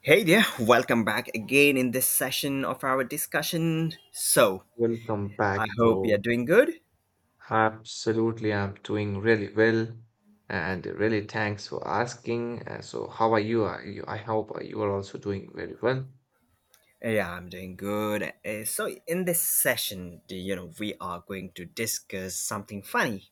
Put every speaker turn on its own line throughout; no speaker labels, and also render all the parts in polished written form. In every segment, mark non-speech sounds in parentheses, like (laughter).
Hey there, welcome back again in this session of our discussion. So,
Welcome back,
I hope you're
bro.
doing good.
Absolutely, I'm doing really well, and really thanks for asking. So, how are you? Are you? I hope you are also doing very well.
Yeah, I'm doing good. In this session, do you know, we are going to discuss something funny.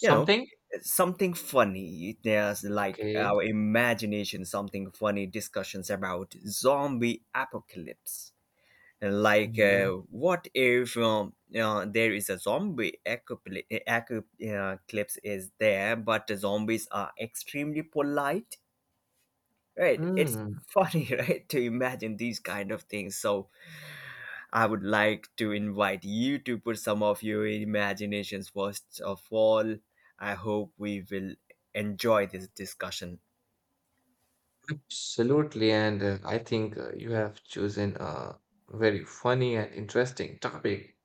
You know, something funny. There's like
Okay.
our imagination, something funny discussions about zombie apocalypse． Like
Mhm.
what if there is a clips is there, but the zombies are extremely polite, right? It's
Mm,
funny. (laughs) Right, to imagine these kind of things. So I would like to invite you to put some of your imaginations. First of all, I hope we will enjoy this discussion.
Absolutely, and I think you have chosen a very funny and interesting topic.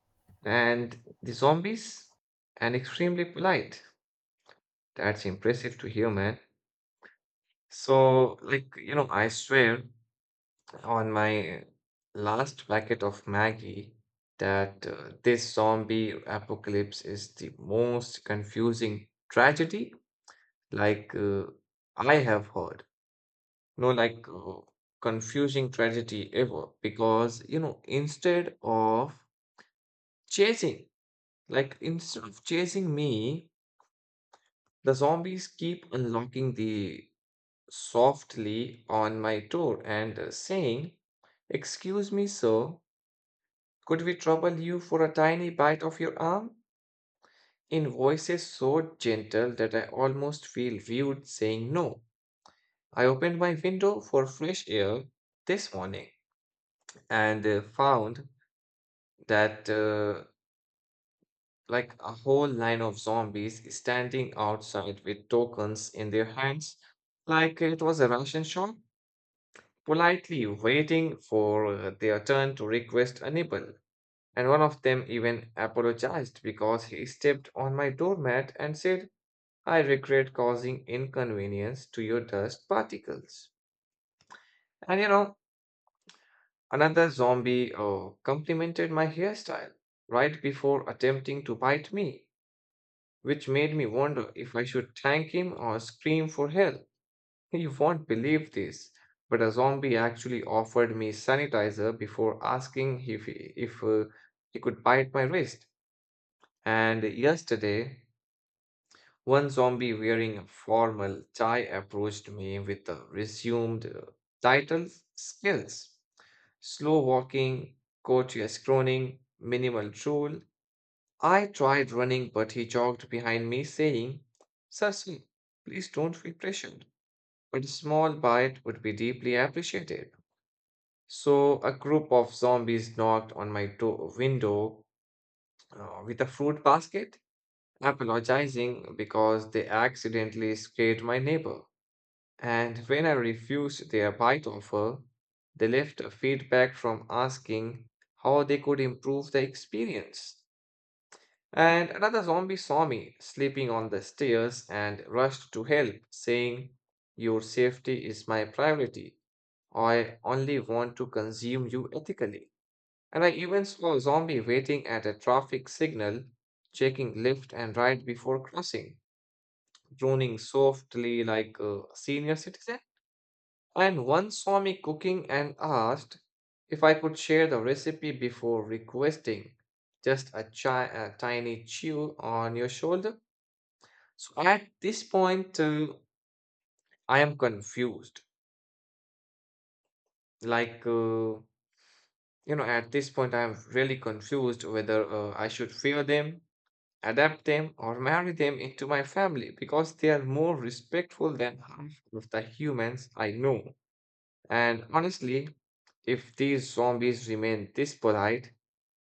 And the zombies, and extremely polite. That's impressive to hear, man. So, like, I swear on my last packet of Maggie that this zombie apocalypse is the most confusing tragedy like I have heard. No, like confusing tragedy ever because instead of chasing like instead of chasing me, the zombies keep unlocking the softly on my door and saying, Excuse me, sir. Could we trouble you for a tiny bite of your arm? In voices so gentle that I almost feel rude saying no. I opened my window for fresh air this morning and found that like a whole line of zombies standing outside with tokens in their hands, like it was a Russian shop, politely waiting for their turn to request a nibble. And one of them even apologized because he stepped on my doormat and said, I regret causing inconvenience to your dust particles. And another zombie complimented my hairstyle right before attempting to bite me, which made me wonder if I should thank him or scream for help. (laughs) You won't believe this, but a zombie actually offered me sanitizer before asking if he could bite my wrist. And yesterday, one zombie wearing a formal tie approached me with the resumed title skills. Slow walking, courteous groaning, minimal drool. I tried running, but he jogged behind me, saying, Cecil, please don't feel pressured, but a small bite would be deeply appreciated. So, a group of zombies knocked on my door window with a fruit basket, apologizing because they accidentally scared my neighbor. And when I refused their bite offer, they left a feedback from asking how they could improve the experience. And another zombie saw me sleeping on the stairs and rushed to help, saying, Your safety is my priority. I only want to consume you ethically. And I even saw a zombie waiting at a traffic signal, checking left and right before crossing, droning softly like a senior citizen. And one saw me cooking and asked if I could share the recipe before requesting just a tiny chew on your shoulder. So at this point, I am confused. Like, at this point, I am really confused whether I should fear them, adapt them, or marry them into my family because they are more respectful than half of the humans I know. And honestly, if these zombies remain this polite,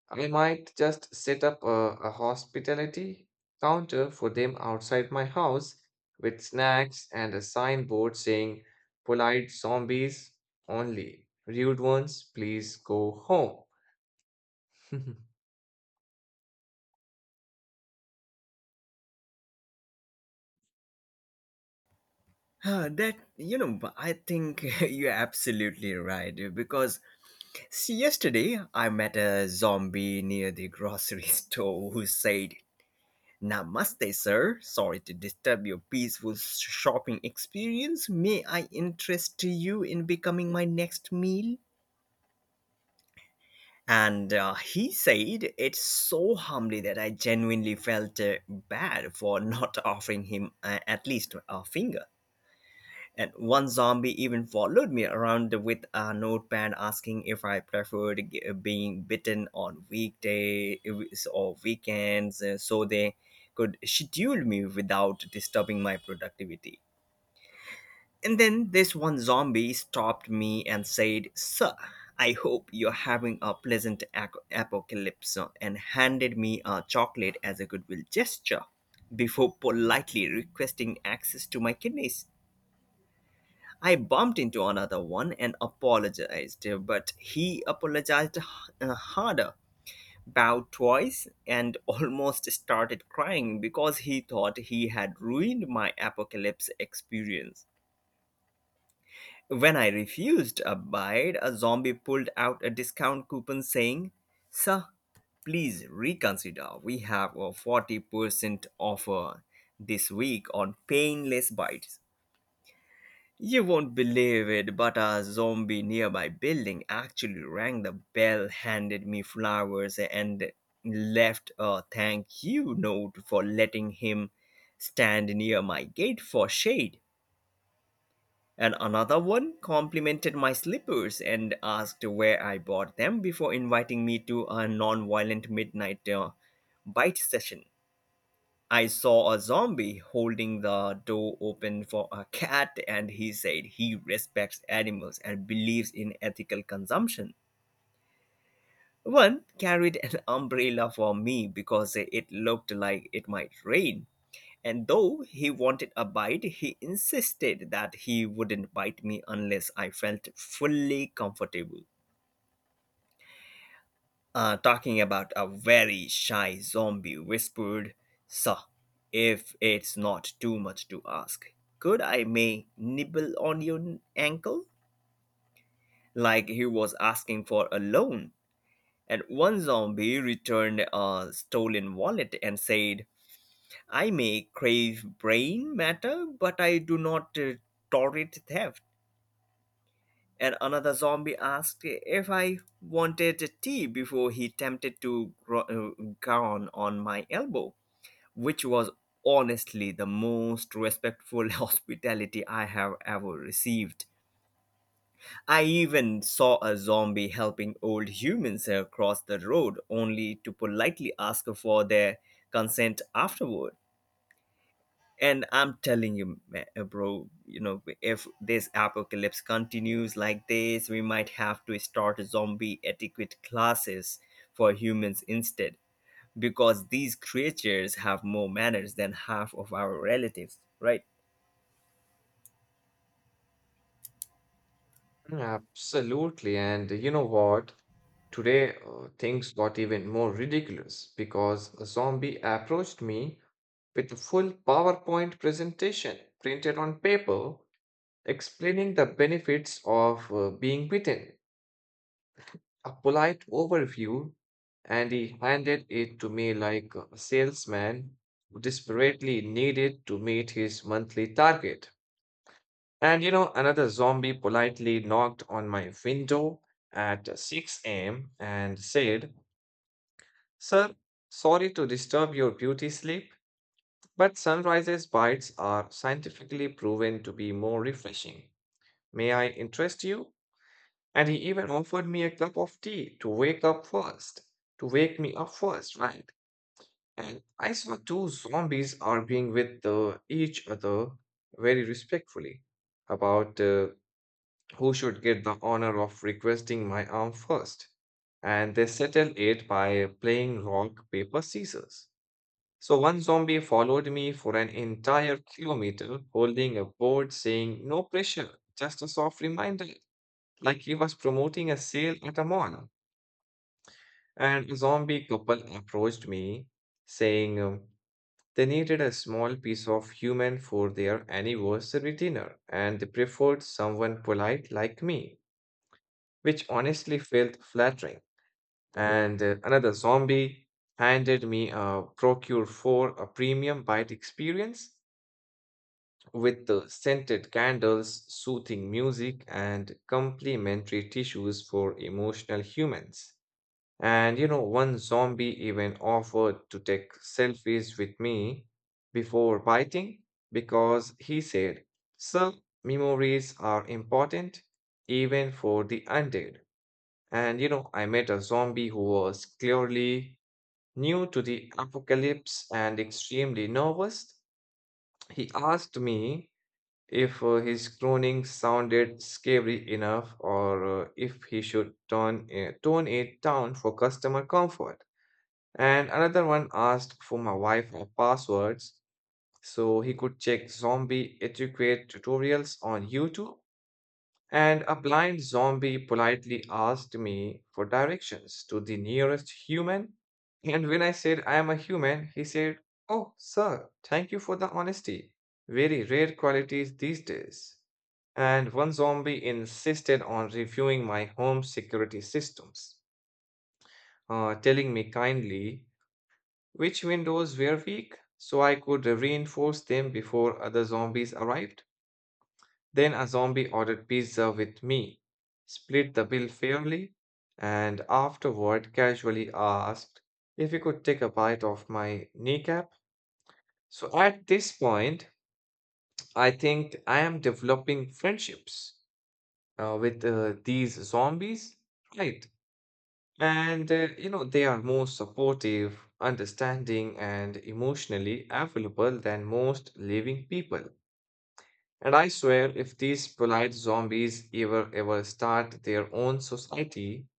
I might just set up a hospitality counter for them outside my house with snacks and a signboard saying, Polite zombies only. Rude ones, please go home. (laughs)
Ah, that, you know, I think (laughs) you're absolutely right. Because see, yesterday I met a zombie near the grocery (laughs) store who said, "Namaste, sir. Sorry to disturb your peaceful shopping experience. May I interest you in becoming my next meal?" And he said it so humbly that I genuinely felt bad for not (laughs) offering him at least a finger. And one zombie even followed me around with a notepad asking if I preferred being bitten on weekday or weekends, so they could schedule me without disturbing my productivity. And then this one zombie stopped me and said, "Sir, I hope you're having a pleasant apocalypse," and handed me a chocolate as a goodwill gesture before politely requesting access to my kidneys. I bumped into another one and apologized, but he apologized harder, bowed twice, and (laughs) almost started crying because he thought he had ruined my apocalypse experience. When I refused a bite, a zombie pulled out a discount coupon saying, "Sir, please reconsider. We have a 40% offer this week on painless bites." You won't believe it, but a zombie nearby building actually rang the bell, handed me flowers, and left a thank you note for letting him stand near my gate for shade. And another one complimented my slippers and asked where I bought them before inviting me to a non violent midnight bite session. I saw a zombie holding the door open for a cat, and he said he respects animals and believes in ethical consumption. One carried an umbrella for me because it looked like it might rain. And though he wanted a bite, he insisted that he wouldn't bite me unless I felt fully comfortable. Talking about a very shy zombie, whispered, "Sir, if it's not too much to ask, could I may nibble on your ankle?" Like he was asking for a loan. And one zombie returned a stolen wallet and said, "I may crave brain matter, but I do not tolerate theft." And another zombie asked if I wanted tea before he attempted to groan on my elbow, which was honestly the most respectful (laughs) hospitality I have ever received. I even saw a zombie helping old humans across the road, only to politely ask for their consent afterward. And I'm telling you, bro, you know, if this apocalypse continues like this, we might have to start zombie etiquette classes for humans instead, because these creatures have more manners than half of our relatives, right?
Absolutely. And you know what? Today, things got even more ridiculous because a zombie approached me with a full PowerPoint presentation printed on paper explaining the benefits of being bitten. A polite overview, and he handed it to me like a salesman who desperately needed to meet his monthly target. And another zombie politely knocked on my window at 6 a.m. and said, Sir, sorry to disturb your beauty sleep, but sunrises bites are scientifically proven to be more refreshing. May I interest you? And he even offered me a cup of tea to wake me up first, right? And I saw two zombies arguing with each other very respectfully about who should get the honor of requesting my arm first. And they settled it by playing rock, paper, scissors. So one zombie followed me for an entire kilometer holding a board saying, No pressure, just a soft reminder, like he was promoting a sale at a mall. And a zombie couple approached me saying they needed a small piece of human for their anniversary dinner, and they preferred someone polite like me, which honestly felt flattering. And another zombie handed me a Procure for a premium bite experience with the scented candles, soothing music, and complimentary tissues for emotional humans. And one zombie even offered to take selfies with me before biting because he said, Sir, memories are important even for the undead. And I met a zombie who was clearly new to the apocalypse and extremely nervous. He asked me if his groaning sounded scary enough or if he should tone it down for customer comfort. And another one asked for my wife her passwords so he could check zombie etiquette tutorials on YouTube. And a blind zombie politely asked me for directions to the nearest human. And when I said I am a human, he said, Oh, sir, thank you for the honesty. Very rare qualities these days. And one zombie insisted on reviewing my home security systems, telling me kindly which windows were weak so I could reinforce them before other zombies arrived. Then a zombie ordered pizza with me, split the bill fairly, and afterward casually asked if he could take a bite of my kneecap. So at this point, I think I am developing friendships with these zombies, right? And they are more supportive, understanding, and emotionally available than most living people. And I swear, if these polite zombies ever, ever start their own society,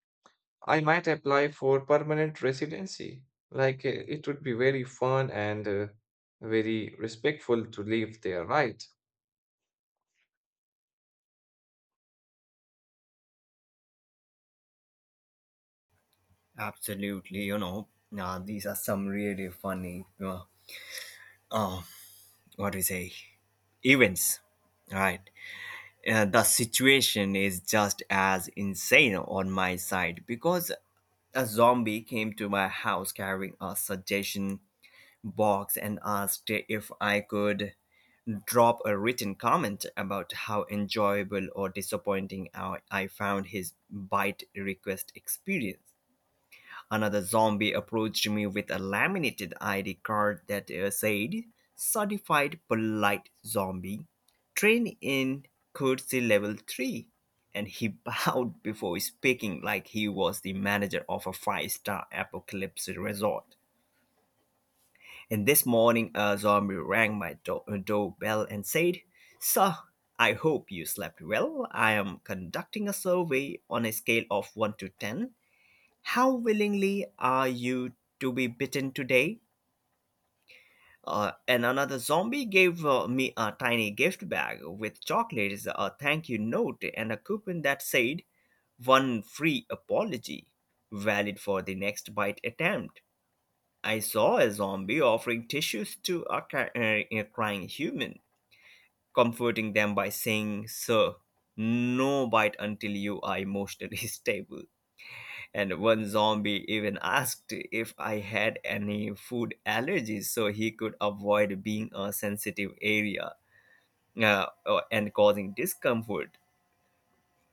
I might apply for permanent residency. Like, it would be very fun and very respectful to live there, right?
Absolutely, you know, now these are some really funny, uh, what do you say, events, right? The situation is just as insane on my side, because a zombie came to my house carrying a suggestion box and asked if I could drop a written comment about how enjoyable or disappointing I found his bite request experience. Another zombie approached me with a laminated ID card that said, "Certified Polite Zombie, trained in courtesy level 3." And he (laughs) bowed before speaking like he was the manager of a five-star apocalypse resort. And this morning a zombie rang my doorbell and said, "Sir, I hope you slept well. I am conducting a survey on a scale of 1 to 10. How willingly are you to be bitten today?" And another zombie gave me a tiny gift bag with chocolates, a thank you note, and a coupon that said, "One free apology, valid for the next bite attempt." I saw a zombie offering tissues to a a crying human, comforting them by saying, "Sir, no bite until you are emotionally (laughs) stable." And one zombie even asked if I had any food allergies so he could avoid being a sensitive area and causing discomfort.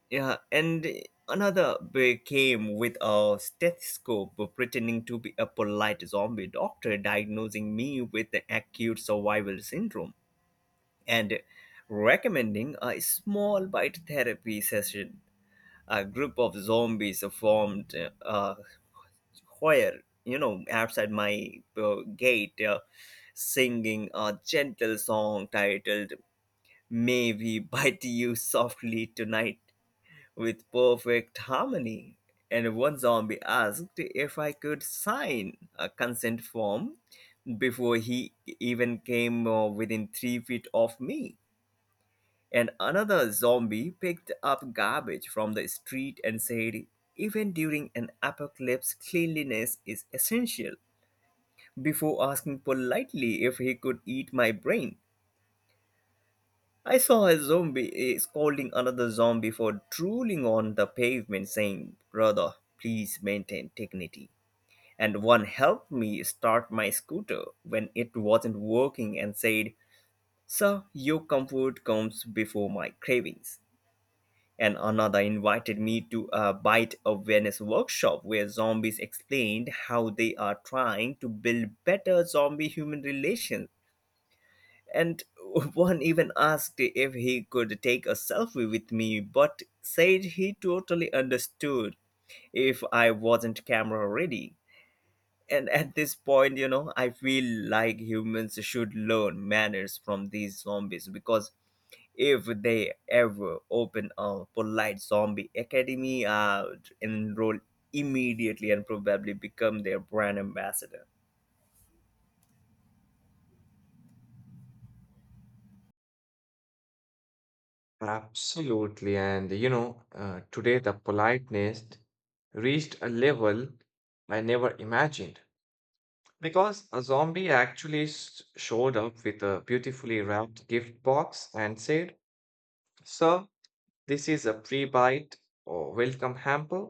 Yeah, and another came with a stethoscope pretending to be a polite zombie doctor diagnosing me with the acute survival syndrome and recommending a small bite therapy session. A group of zombies formed uh, where, you know, outside my gate, singing a gentle song titled "May We Bite You Softly Tonight" with perfect harmony. And one zombie asked if I could sign a consent form before he even came within 3 feet of me. And another zombie picked up garbage from the street and said, "Even during an apocalypse, cleanliness is essential," before asking politely if he could eat my brain. I saw a zombie, eh, scolding another zombie for drooling on the pavement, saying, "Brother, please maintain dignity." And one helped me start my scooter when it wasn't working and said, "Sir, your comfort comes before my cravings." And another invited me to a bite awareness workshop where zombies explained how they are trying to build better zombie human relations, and (laughs) one even asked if he could take a selfie with me, but said he totally understood if I wasn't camera ready. And at this point, you know, I feel like humans should learn manners from these zombies, because if they ever open a polite zombie academy, I'd enroll immediately and probably become their brand ambassador.
Absolutely. And today the politeness reached a level I never imagined, because a zombie actually showed up with a beautifully wrapped gift box and said, Sir, this is a pre bite or welcome hamper,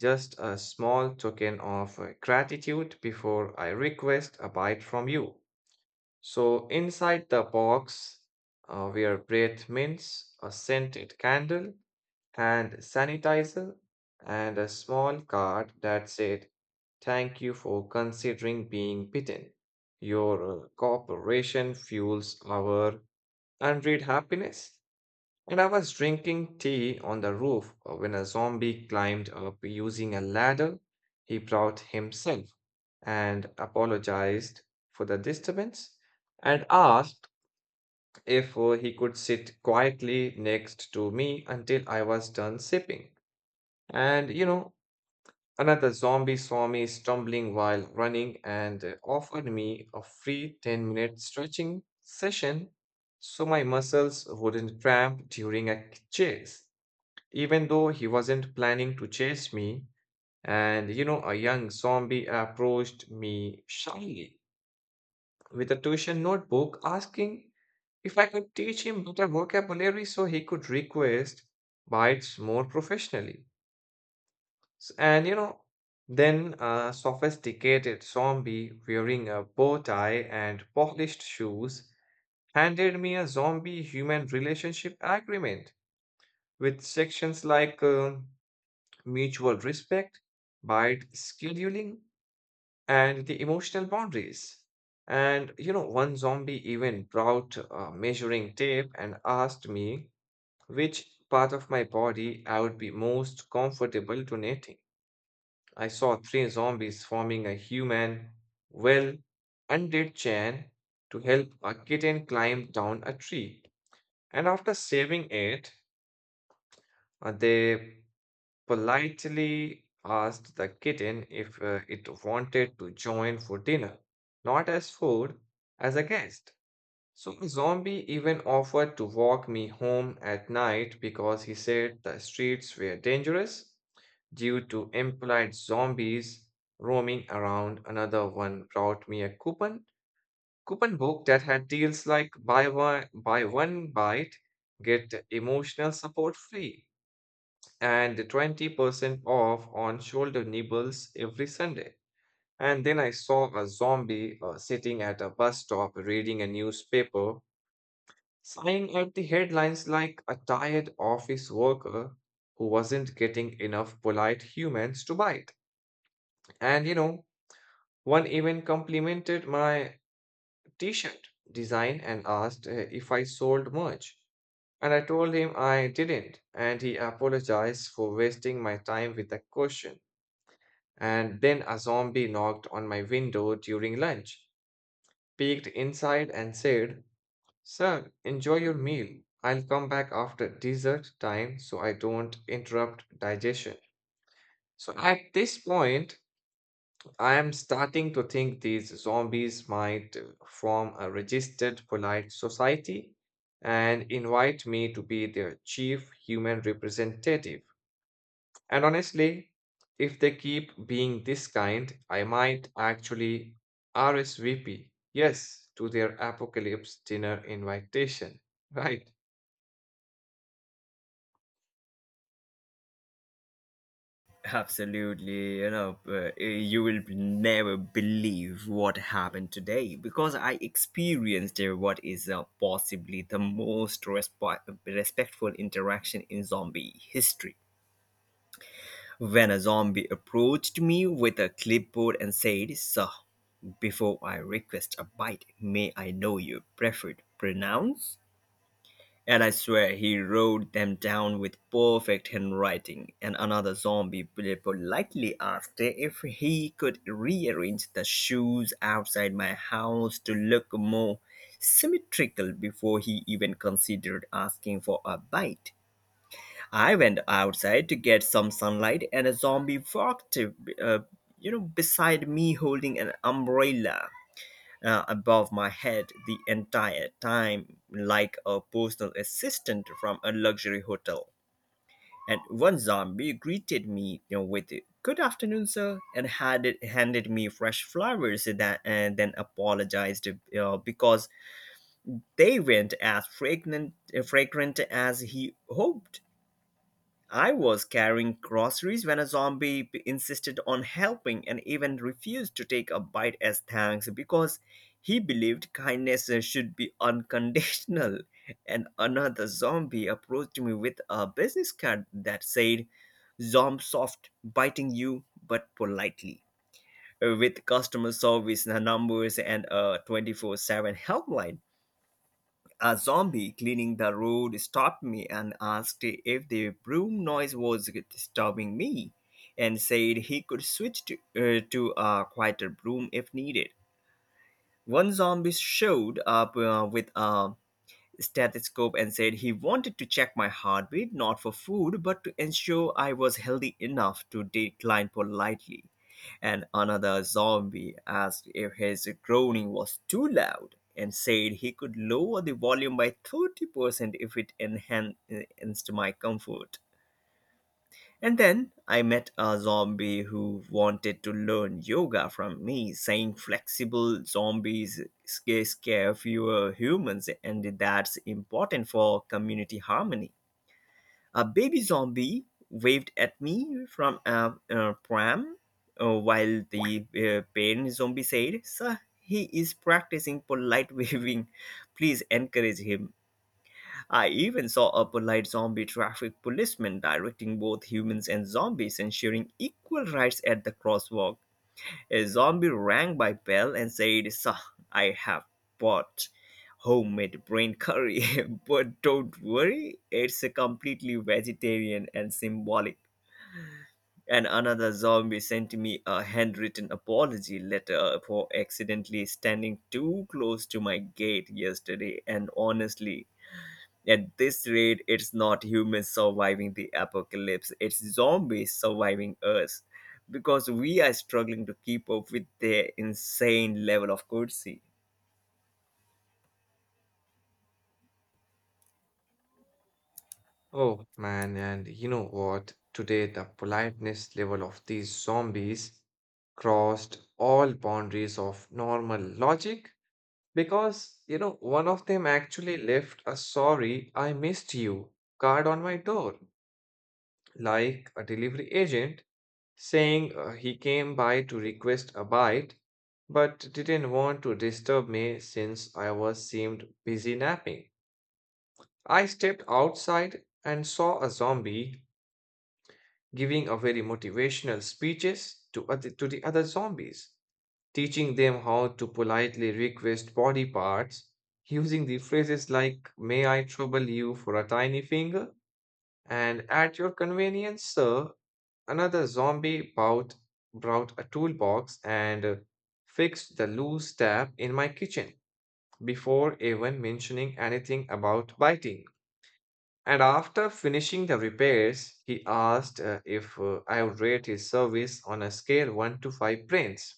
just a small token of gratitude before I request a bite from you. So, inside the box were breath mints, a scented candle, and sanitizer, and a small card that said, Thank you for considering being bitten. Your cooperation fuels our unread happiness. And I was drinking tea on the roof when a zombie climbed up using a ladder he brought himself and apologized for the disturbance and asked if he could sit quietly next to me until I was done sipping. And another zombie saw me stumbling while running and offered me a free 10-minute stretching session so my muscles wouldn't cramp during a chase, even though he wasn't planning to chase me. And a young zombie approached me shyly with a tuition notebook asking if I could teach him better vocabulary so he could request bites more professionally. And then a sophisticated zombie wearing a bow tie and polished shoes handed me a zombie human relationship agreement with sections like mutual respect, bite scheduling, and the emotional boundaries. And one zombie even brought measuring tape and asked me which part of my body I would be most comfortable donating. I saw three zombies forming a human, well, undead chain to help a kitten climb down a tree. And after saving it, they politely asked the kitten if it wanted to join for dinner, not as food, as a guest. So, a zombie even offered to walk me home at night because he said the streets were dangerous due to impolite zombies roaming around. Another one brought me a coupon book that had deals like buy one bite, get emotional support free, and 20% off on shoulder nibbles every Sunday. And then I saw a zombie sitting at a bus stop reading a newspaper, sighing at the headlines like a tired office worker who wasn't getting enough polite humans to bite. And one even complimented my t shirt design and asked if I sold much. And I told him I didn't, and he apologized for wasting my time with the question. And then a zombie knocked on my window during lunch, peeked inside, and said, Sir, enjoy your meal. I'll come back after dessert time so I don't interrupt digestion. So at this point, I am starting to think these zombies might form a registered polite society and invite me to be their chief human representative. And honestly, if they keep being this kind, I might actually RSVP, yes, to their apocalypse dinner invitation, (laughs) right?
Absolutely, you know, you will never believe what happened today, because I experienced what is possibly the most respectful interaction in zombie history. When a zombie approached me with a clipboard and said, "Sir, before I request a bite, may I know your preferred pronouns?" And I swear he wrote them down with perfect handwriting. And another zombie politely asked if he could rearrange the shoes outside my house to look more symmetrical before he even considered asking for a bite. I went outside to get some sunlight, and a zombie walked, you know, beside me holding an umbrella above my head the entire time, like a personal assistant from a luxury hotel. And one zombie greeted me, you know, with "Good afternoon, sir," and had it handed me fresh flowers. That and then apologized because they weren't as fragrant as he hoped. I was carrying groceries when a zombie insisted on helping and even refused to take a bite as thanks because he believed kindness should be unconditional. (laughs) And another zombie approached me with a business card that said, "Zom soft, biting you, but politely," with customer service numbers and a 24/7 helpline. A zombie cleaning the road stopped me and asked if the broom noise was disturbing me, and said he could switch to a quieter broom if needed. One zombie showed up with a stethoscope and said he wanted to check my heartbeat, not for food, but to ensure I was healthy enough to decline politely. And another zombie asked if his groaning was too loud and said he could lower the volume by 30% if it enhanced my comfort. And then I met a zombie who wanted to learn yoga from me, saying flexible zombies scare fewer humans, and that's important for community harmony. A baby zombie waved at me from a pram, while the parent zombie said, "Sir, he is practicing polite (laughs) waving. Please encourage him." I even saw a polite zombie traffic policeman directing both humans and zombies, ensuring equal rights at the crosswalk. A zombie rang my bell and said, "Sir, I have bought homemade brain curry, (laughs) but don't worry, it's a completely vegetarian and symbolic." And another zombie sent me a handwritten apology letter for accidentally standing too close to my gate yesterday, and honestly, at this rate, it's not humans surviving the apocalypse, it's zombies surviving us, because we are struggling to keep up with their insane level of courtesy.
Oh man, and you know what? Today, the politeness level of these zombies crossed all boundaries of normal logic because, one of them actually left a sorry, I missed you card on my door, like a delivery agent saying he came by to request a bite, but didn't want to disturb me since I was seemed busy napping. I stepped outside and saw a zombie giving a very motivational speeches to the other zombies, teaching them how to politely request body parts, using the phrases like "May I trouble you for a tiny finger?" and "At your convenience, sir." Another zombie bout brought a toolbox and fixed the loose tap in my kitchen before even mentioning anything about biting. And after finishing the repairs, he asked if I would rate his service on a scale 1 to 5 brains.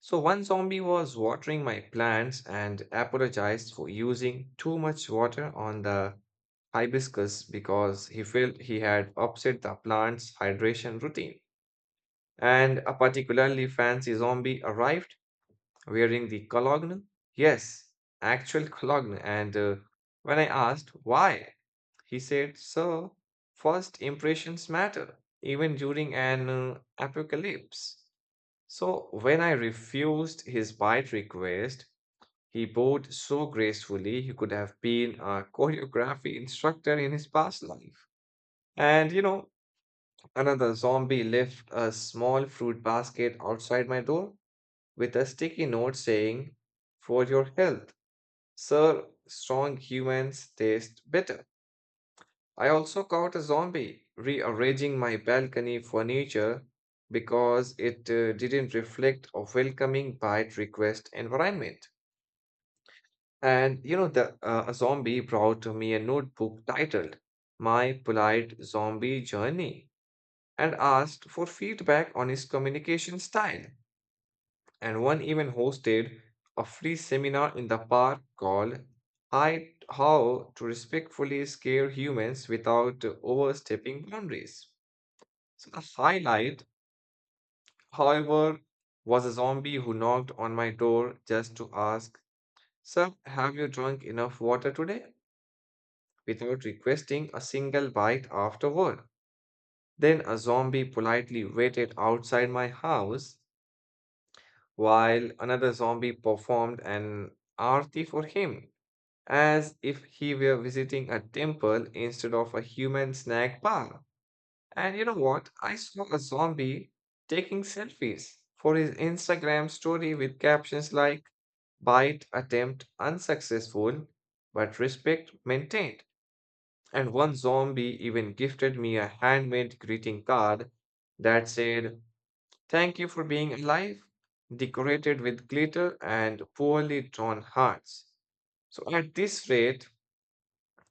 So, one zombie was watering my plants and apologized for using too much water on the hibiscus because he felt he had upset the plant's hydration routine. And a particularly fancy zombie arrived wearing the cologne. Yes, actual cologne. And when I asked why, he said, Sir, first impressions matter, even during an apocalypse. So, when I refused his bite request, he bowed so gracefully he could have been a (laughs) choreography instructor in his past life. And another zombie left a small fruit basket outside my door with a sticky note saying, For your health, sir, strong humans taste better. I also caught a zombie rearranging my balcony furniture because it didn't reflect a welcoming bite request environment. And you know, the a zombie brought to me a notebook titled "My Polite Zombie Journey" and asked for feedback on his communication style. And one even hosted a free seminar in the park called "I How to Respectfully Scare Humans Without Overstepping Boundaries." So the highlight, however, was a zombie who knocked on my door just to ask, Sir, have you drunk enough water today, without requesting a single bite afterward. Then a zombie politely waited outside my house while another zombie performed an aarti for him, as if he were visiting a temple instead of a human snack bar. And you know what? I saw a zombie taking selfies for his Instagram story with captions like bite attempt unsuccessful, but respect maintained. And one zombie even gifted me a handmade greeting card that said, Thank you for being alive, decorated with glitter and poorly drawn hearts. So at this rate,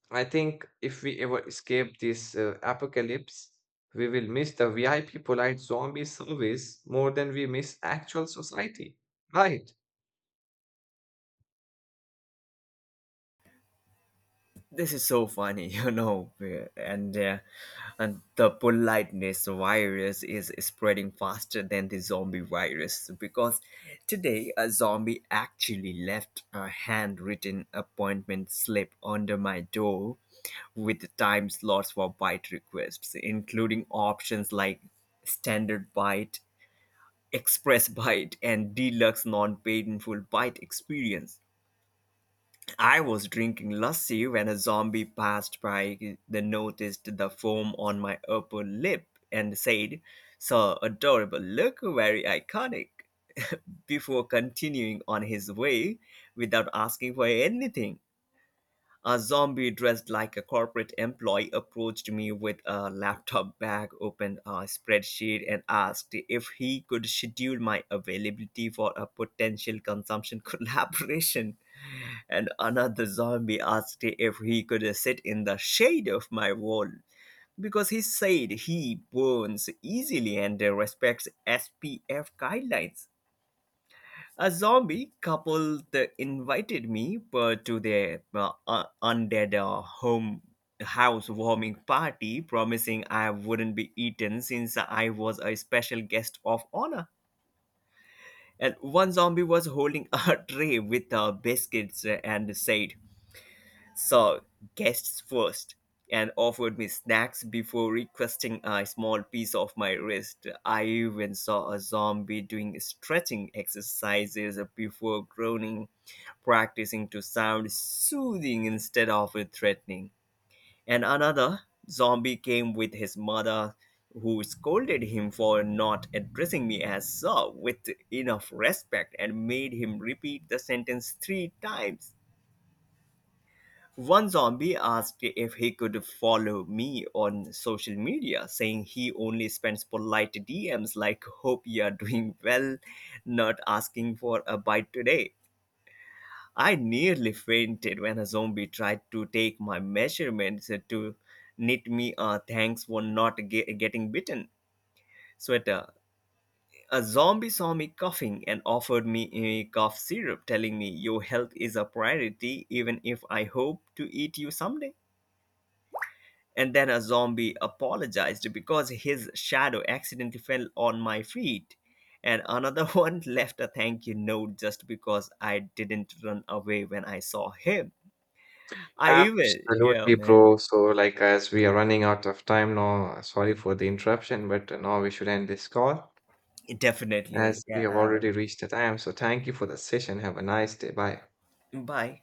I think if we ever escape this apocalypse, we will miss the VIP polite zombie service more than we miss actual society. Right.
This is so funny, (laughs) you know, and uh, and the politeness virus is spreading faster than the zombie virus, because today a zombie actually left a handwritten appointment slip under my door with the time slots for bite requests, including options like standard bite, express bite, and deluxe non-painful bite experience. I was drinking lassi when a zombie passed by. They noticed the foam on my upper lip and said, "So adorable, look very iconic," (laughs) before continuing on his way without asking for anything. A zombie dressed like a corporate employee approached me with a laptop bag, opened a spreadsheet, and asked if he could schedule my availability for a potential consumption (laughs) collaboration. And another zombie asked if he could sit in the shade of my wall because he said he burns easily and respects SPF guidelines. A zombie couple that invited me to their undead home housewarming party, promising I wouldn't be eaten since I was a special guest of honor. And one zombie was holding a (laughs) tray with biscuits and said, "So, guests first," and offered me snacks before requesting a small piece of my wrist. I even saw a zombie doing stretching exercises before groaning, practicing to sound soothing instead of threatening. And another zombie came with his mother, who scolded him for not addressing me as Sir with enough respect and made him repeat the sentence 3 times. One zombie asked if he could follow me on social media, saying he only spends polite DMs like, "Hope you're doing well, not asking for a bite today." I nearly fainted when a zombie tried to take my measurements to knit me a thanks for not getting bitten sweater. A zombie saw me coughing and offered me a cough syrup, telling me, "Your health is a priority, even if I hope to eat you someday." And then a zombie apologized because his shadow accidentally fell on my feet. And another (laughs) one left a thank you note just because I didn't run away when I saw him. I will, yeah,
Absolutely,
man.
bro. So, like, as we are running out of time now, sorry for the interruption, but now we should end this call
Definitely.
as we have
Yeah.
already reached the time. So, thank you for the session. Have a nice day. Bye.
Bye.